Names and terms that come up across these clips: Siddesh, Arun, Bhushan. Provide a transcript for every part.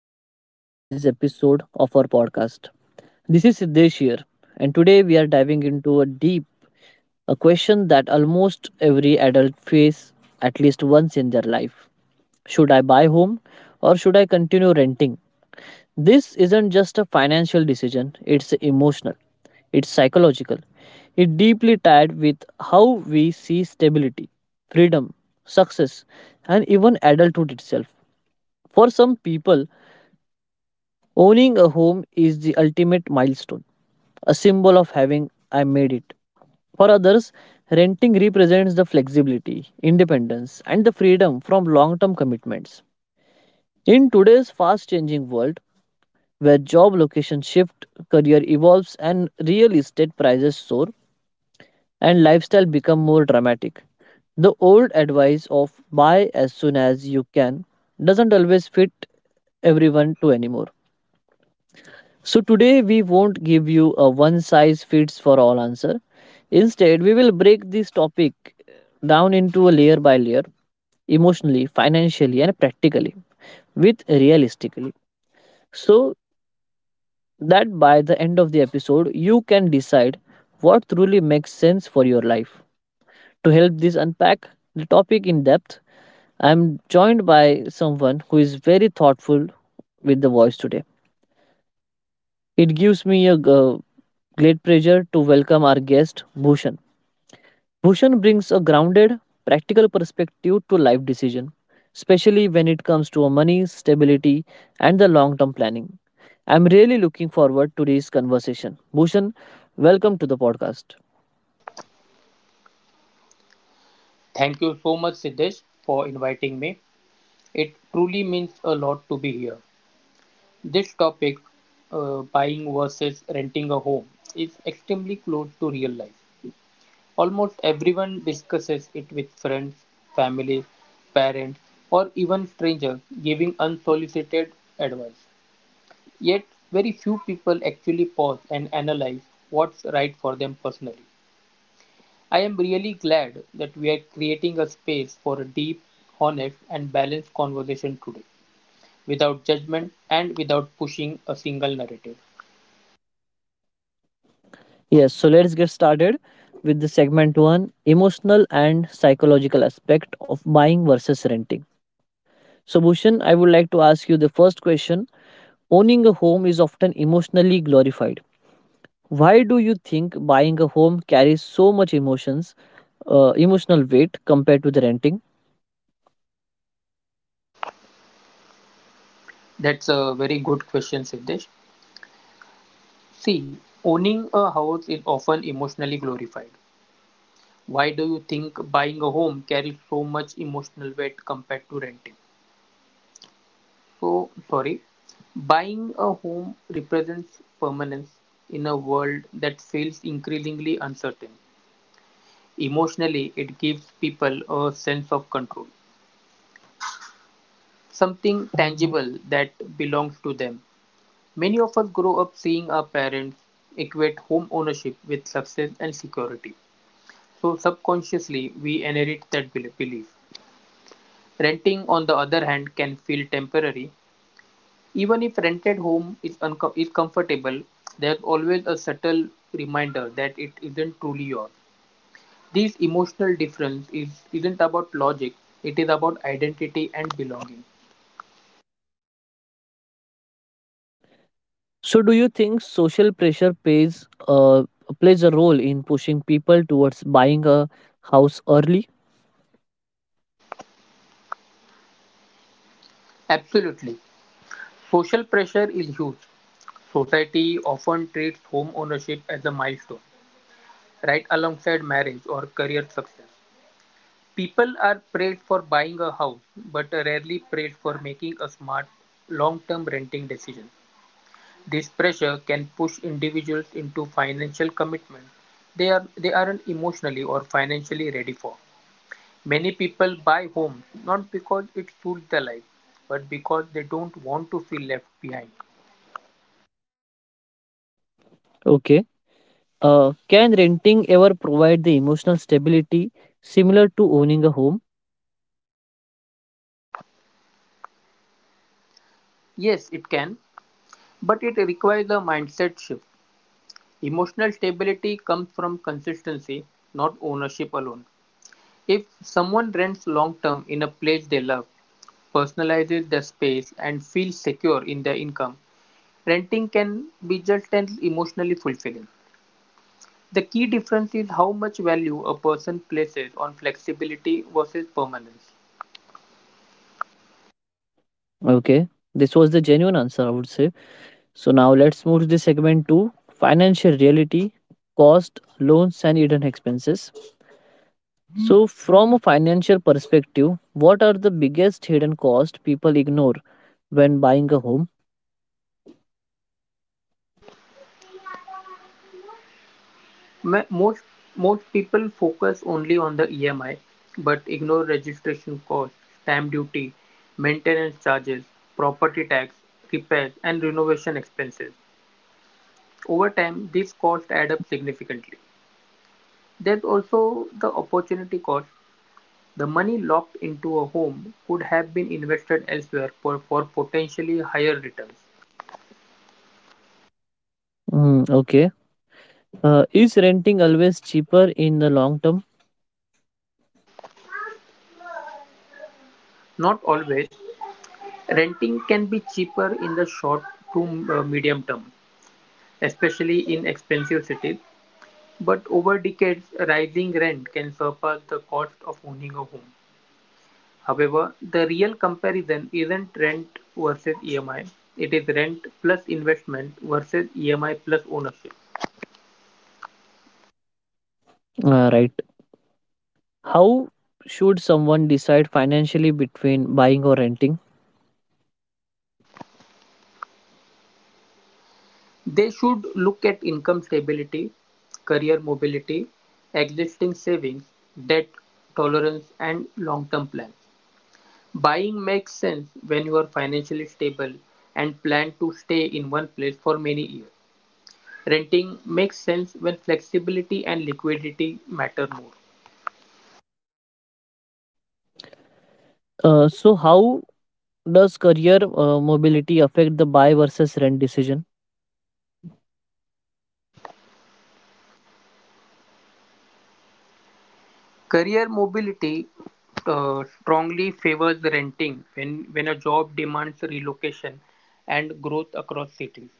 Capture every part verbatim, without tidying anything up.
and welcome to today's episode of our podcast. This is Siddesh here, and today we are diving into a deep a question that almost every adult faces at least once in their life. Should I buy home or should I continue renting? This isn't just a financial decision, it's emotional, it's psychological. It deeply tied with how we see stability, freedom, success, and even adulthood itself. For some people, owning a home is the ultimate milestone, a symbol of having I made it. For others, renting represents the flexibility, independence, and the freedom from long term commitments. In today's fast changing world, where job locations shift, career evolves, and real estate prices soar, and lifestyle become more dramatic, the old advice of buy as soon as you can doesn't always fit everyone to anymore. So, today we won't give you a one size fits for all answer. Instead, we will break this topic down into a layer by layer, emotionally, financially, and practically, with realistically. So that by the end of the episode, you can decide what truly makes sense for your life. To help this unpack the topic in depth, I am joined by someone who is very thoughtful with the voice today. It gives me a uh, great pleasure to welcome our guest, Bhushan. Bhushan brings a grounded, practical perspective to life decision, especially when it comes to money, stability, and the long-term planning. I'm really looking forward to this conversation. Bhushan, welcome to the podcast. Thank you so much, Siddesh, for inviting me. It truly means a lot to be here. This topic, uh, buying versus renting a home, is extremely close to real life. Almost everyone discusses it with friends, family, parents, or even strangers giving unsolicited advice. Yet, very few people actually pause and analyze what's right for them personally. I am really glad that we are creating a space for a deep, honest, and balanced conversation today, without judgment and without pushing a single narrative. Yes, so let's get started with the segment one emotional and psychological aspect of buying versus renting. So, Bhushan, I would like to ask you the first question. Owning a home is often emotionally glorified, why do you think buying a home carries so much emotions, uh, emotional weight compared to the renting? That's a very good question, Siddesh. See, owning a house is often emotionally glorified. Why do you think buying a home carries so much emotional weight compared to renting? So, sorry, buying a home represents permanence in a world that feels increasingly uncertain. Emotionally, it gives people a sense of control, something tangible that belongs to them. Many of us grow up seeing our parents equate home ownership with success and security. So, subconsciously, we inherit that bel- belief. Renting, on the other hand, can feel temporary. Even if rented home is, uncom- is comfortable, there's always a subtle reminder that it isn't truly yours. This emotional difference is, isn't about logic, it is about identity and belonging. So, do you think social pressure plays uh, plays a role in pushing people towards buying a house early? Absolutely. Social pressure is huge. Society often treats home ownership as a milestone, right alongside marriage or career success. People are praised for buying a house, but rarely praised for making a smart, long term renting decision. This pressure can push individuals into financial commitments they, are, they aren't emotionally or financially ready for. Many people buy homes not because it suits their life, but because they don't want to feel left behind. Okay. Uh, can renting ever provide the emotional stability similar to owning a home? Yes, it can, but it requires a mindset shift. Emotional stability comes from consistency, not ownership alone. If someone rents long term in a place they love, personalizes their space, and feels secure in their income, renting can be just as emotionally fulfilling. The key difference is how much value a person places on flexibility versus permanence. Okay. This was the genuine answer, I would say. So now let's move to the segment two: financial reality, cost, loans, and hidden expenses. So, from a financial perspective, what are the biggest hidden costs people ignore when buying a home? Most most people focus only on the E M I but ignore registration costs, stamp duty, maintenance charges, property tax, repairs and renovation expenses. Over time, these costs add up significantly. There's also the opportunity cost. The money locked into a home could have been invested elsewhere for, for potentially higher returns. Mm, okay. Uh, is renting always cheaper in the long term? Not always. Renting can be cheaper in the short to uh, medium term, especially in expensive cities, but over decades, rising rent can surpass the cost of owning a home. However, the real comparison isn't rent versus E M I, it is rent plus investment versus E M I plus ownership. Uh, right. How should someone decide financially between buying or renting? They should look at income stability, career mobility, existing savings, debt tolerance, and long term plans. Buying makes sense when you are financially stable and plan to stay in one place for many years. Renting makes sense when flexibility and liquidity matter more. Uh, so, how does career uh, mobility affect the buy versus rent decision? Career mobility uh, strongly favors renting when, when a job demands relocation and growth across cities.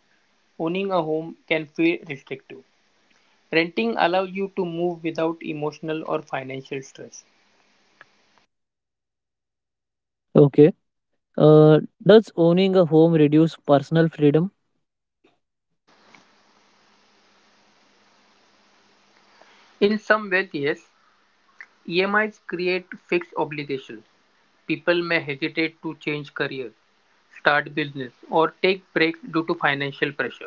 Owning a home can feel restrictive. Renting allows you to move without emotional or financial stress. Okay. Uh, does owning a home reduce personal freedom? In some wealth, yes, E M Is create fixed obligations. People may hesitate to change careers, start business, or take breaks due to financial pressure.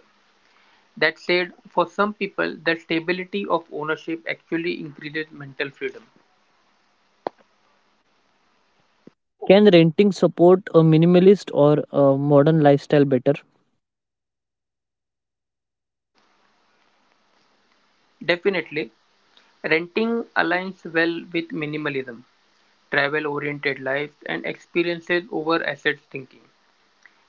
That said, for some people the stability of ownership actually increases mental freedom. Can renting support a minimalist or a modern lifestyle better? Definitely, renting aligns well with minimalism, travel oriented lives, and experiences over assets thinking.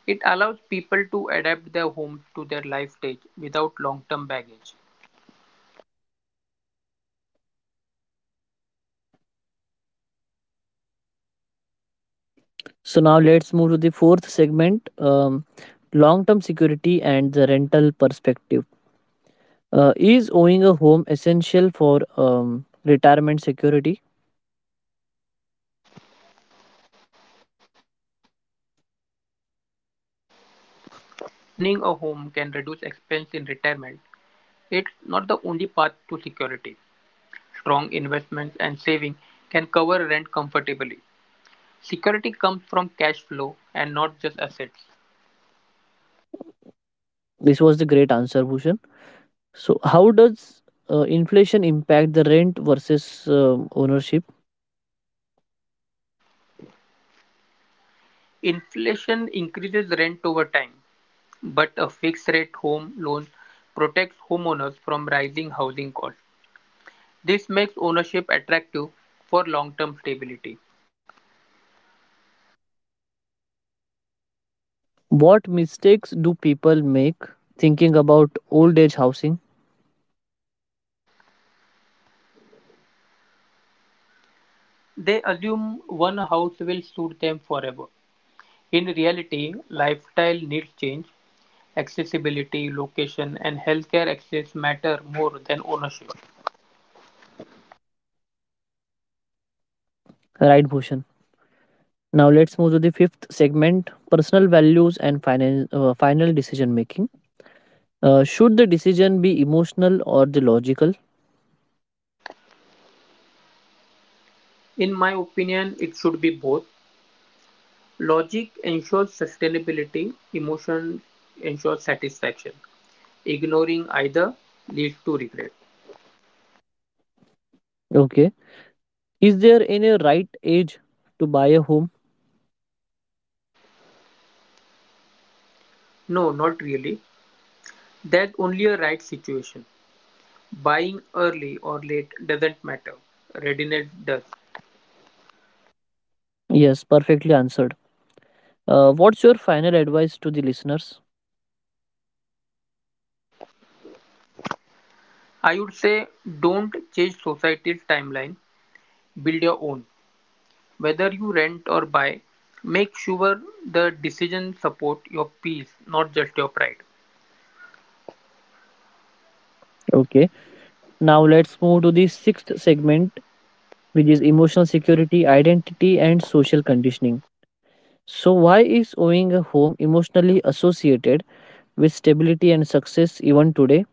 It allows people to adapt their homes to their life stage without long term baggage. So now let's move to the fourth segment, um, long-term security and the rental perspective. Uh, is owning a home essential for um, retirement security? While owning a home can reduce expense in retirement, it's not the only path to security. Strong investments and saving can cover rent comfortably. Security comes from cash flow and not just assets. This was the great answer, Bhushan. So how does uh, inflation impact the rent versus um ownership? Inflation increases rent over time, but a fixed rate home loan protects homeowners from rising housing costs. This makes ownership attractive for long term stability. What mistakes do people make thinking about old age housing? They assume one house will suit them forever. In reality, lifestyle needs change, accessibility, location, and healthcare access matter more than ownership. Right, Bhushan. Now let's move to the fifth segment personal values and final, uh, final decision making. Uh, should the decision be emotional or the logical? In my opinion, it should be both. Logic ensures sustainability, emotion ensures satisfaction. Ignoring either leads to regret. Okay. Is there any right age to buy a home? No, not really. There's only a right situation. Buying early or late doesn't matter. Readiness does. Yes, perfectly answered. Uh, what's your final advice to the listeners? I would say don't change society's timeline, build your own. Whether you rent or buy, make sure the decision supports your peace, not just your pride. Okay. Now let's move to the sixth segment, which is emotional security, identity, and social conditioning. So, why is owning a home emotionally associated with stability and success even today?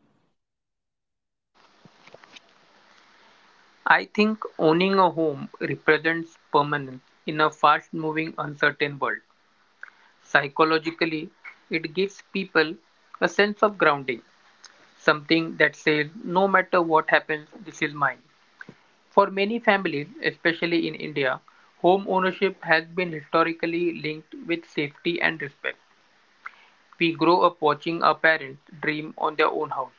I think owning a home represents permanence in a fast moving, uncertain world. Psychologically, it gives people a sense of grounding, something that says, no matter what happens, this is mine. For many families, especially in India, home ownership has been historically linked with safety and respect. We grow up watching our parents dream on their own house,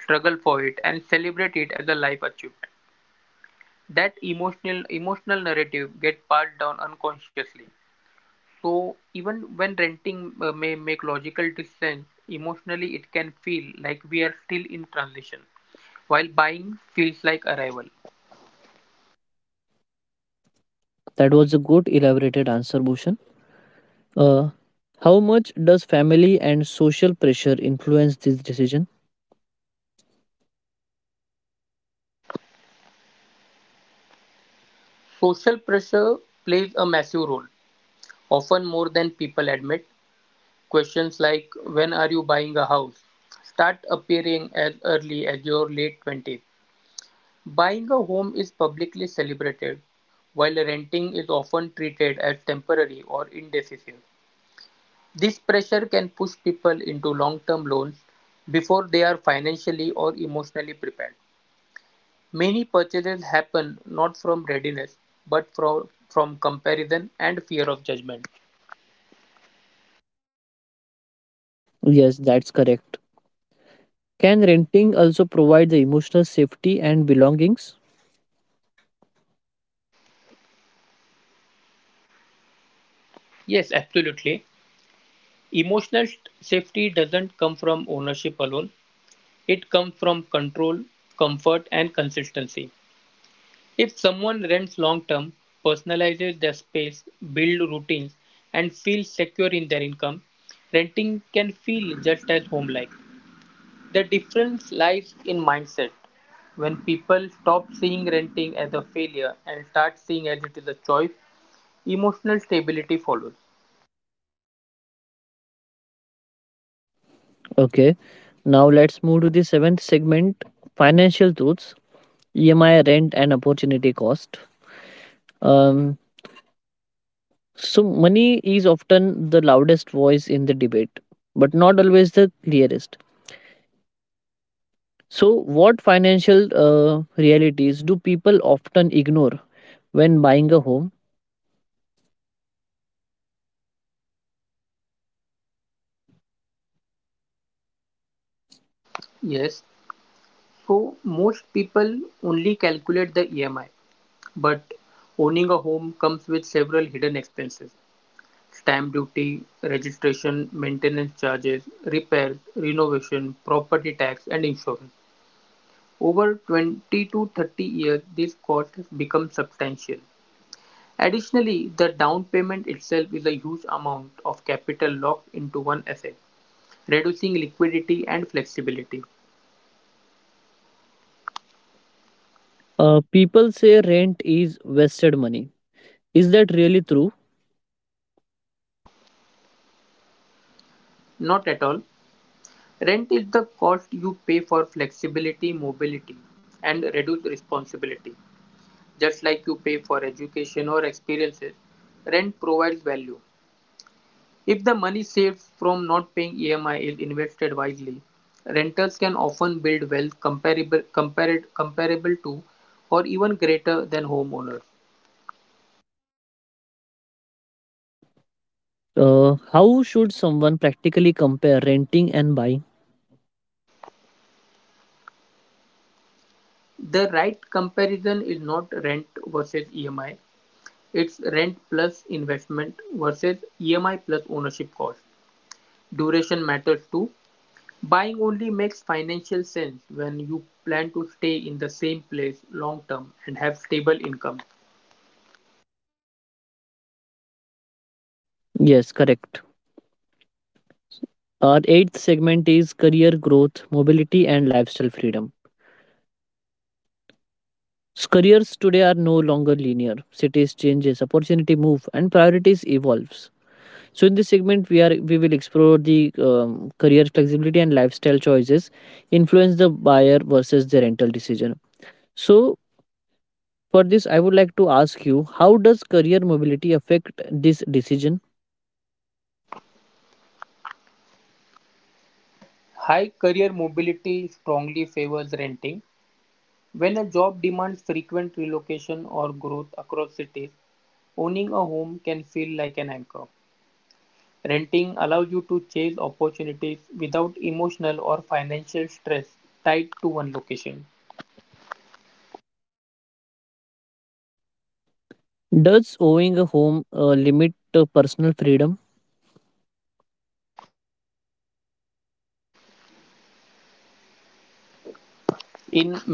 struggle for it, and celebrate it as a life achievement. That emotional emotional narrative get passed down unconsciously, so even when renting uh, may make logical sense emotionally, it can feel like we are still in transition, while buying feels like arrival. That was a good elaborated answer, Bhushan. Uh, how much does family and social pressure influence this decision? Social pressure plays a massive role, often more than people admit. Questions like when are you buying a house start appearing as early as your late twenties. Buying a home is publicly celebrated, while renting is often treated as temporary or indecisive. This pressure can push people into long term loans before they are financially or emotionally prepared. Many purchases happen not from readiness but from, from comparison and fear of judgment. Yes, that's correct. Can renting also provide the emotional safety and belongings? Yes, absolutely. Emotional st- safety doesn't come from ownership alone, it comes from control, comfort, and consistency. If someone rents long-term, personalizes their space, builds routines, and feels secure in their income, renting can feel just as home-like. The difference lies in mindset. When people stop seeing renting as a failure and start seeing as it is a choice, emotional stability follows. Okay, now let's move to the seventh segment financial truths, E M I, rent, and opportunity cost. Um, so, money is often the loudest voice in the debate, but not always the clearest. So, what financial uh, realities do people often ignore when buying a home. Yes, so most people only calculate the E M I, but owning a home comes with several hidden expenses. Stamp duty, registration, maintenance charges, repairs, renovation, property tax and insurance. Over twenty to thirty years, this cost have become substantial. Additionally, the down payment itself is a huge amount of capital locked into one asset, reducing liquidity and flexibility. Uh, people say rent is wasted money. Is that really true? Not at all. Rent is the cost you pay for flexibility, mobility, and reduced responsibility. Just like you pay for education or experiences, rent provides value. If the money saved from not paying E M I is invested wisely, renters can often build wealth comparable, compared, comparable to or even greater than homeowners. Uh, how should someone practically compare renting and buying? The right comparison is not rent versus E M I, it's rent plus investment versus E M I plus ownership cost. Duration matters too. Buying only makes financial sense when you plan to stay in the same place long term and have stable income. Yes, correct. Our eighth segment is career growth, mobility, and lifestyle freedom. So careers today are no longer linear. Cities changes, opportunity move, and priorities evolves. So in this segment, we are we will explore the um, career flexibility and lifestyle choices influence the buyer versus their rental decision. So for this, I would like to ask you how does career mobility affect this decision? High career mobility strongly favors renting. When a job demands frequent relocation or growth across cities, owning a home can feel like an anchor. Renting allows you to chase opportunities without emotional or financial stress tied to one location. Does owning a home uh, limit uh, personal freedom? In many cases, I would say yes,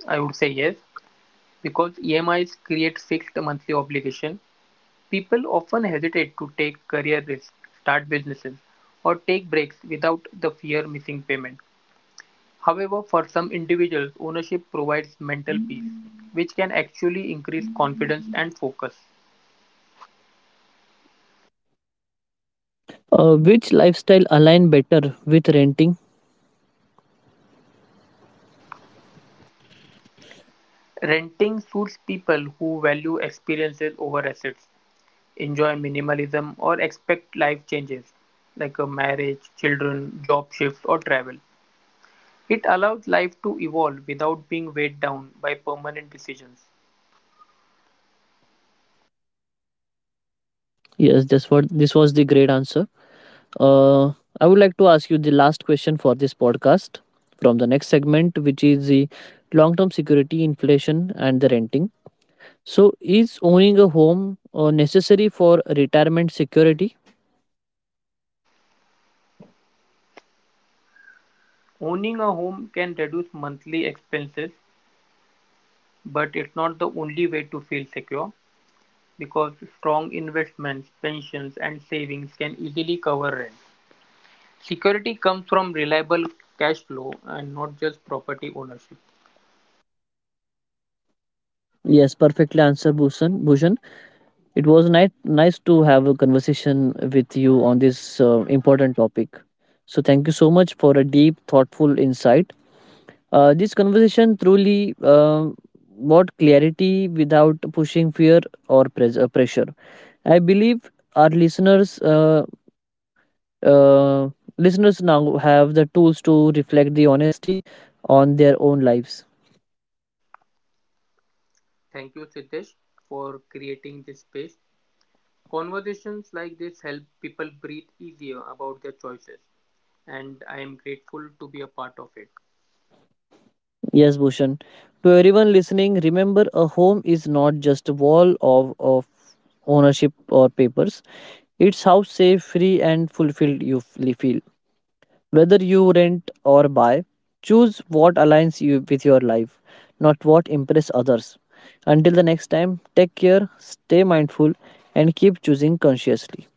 because E M Is create fixed monthly obligation. People often hesitate to take career risks, start businesses, or take breaks without the fear missing payment. However, for some individuals, ownership provides mental peace, which can actually increase confidence and focus. Uh, which lifestyle align better with renting? Renting suits people who value experiences over assets, enjoy minimalism, or expect life changes like a marriage, children, job shifts, or travel. It allows life to evolve without being weighed down by permanent decisions. Yes, that's what this was the great answer. Uh, I would like to ask you the last question for this podcast from the next segment, which is the long term security, inflation, and the renting. So, is owning a home uh, necessary for retirement security? Owning a home can reduce monthly expenses, but it's not the only way to feel secure because strong investments, pensions, and savings can easily cover rent. Security comes from reliable cash flow and not just property ownership. Yes, perfectly answered, Bhushan. Bhushan. It was nice nice to have a conversation with you on this uh, important topic. So thank you so much for a deep, thoughtful insight. Uh, this conversation truly um brought clarity without pushing fear or pres- uh, pressure. I believe our listeners uh, uh, listeners now have the tools to reflect the honesty on their own lives. Thank you, Siddesh, for creating this space. Conversations like this help people breathe easier about their choices, and I am grateful to be a part of it. Yes, Bhushan. To everyone listening, remember a home is not just a wall of, of ownership or papers. It's how safe, free, and fulfilled you f- feel. Whether you rent or buy, choose what aligns you with your life, not what impress others. Until the next time, take care, stay mindful, and keep choosing consciously.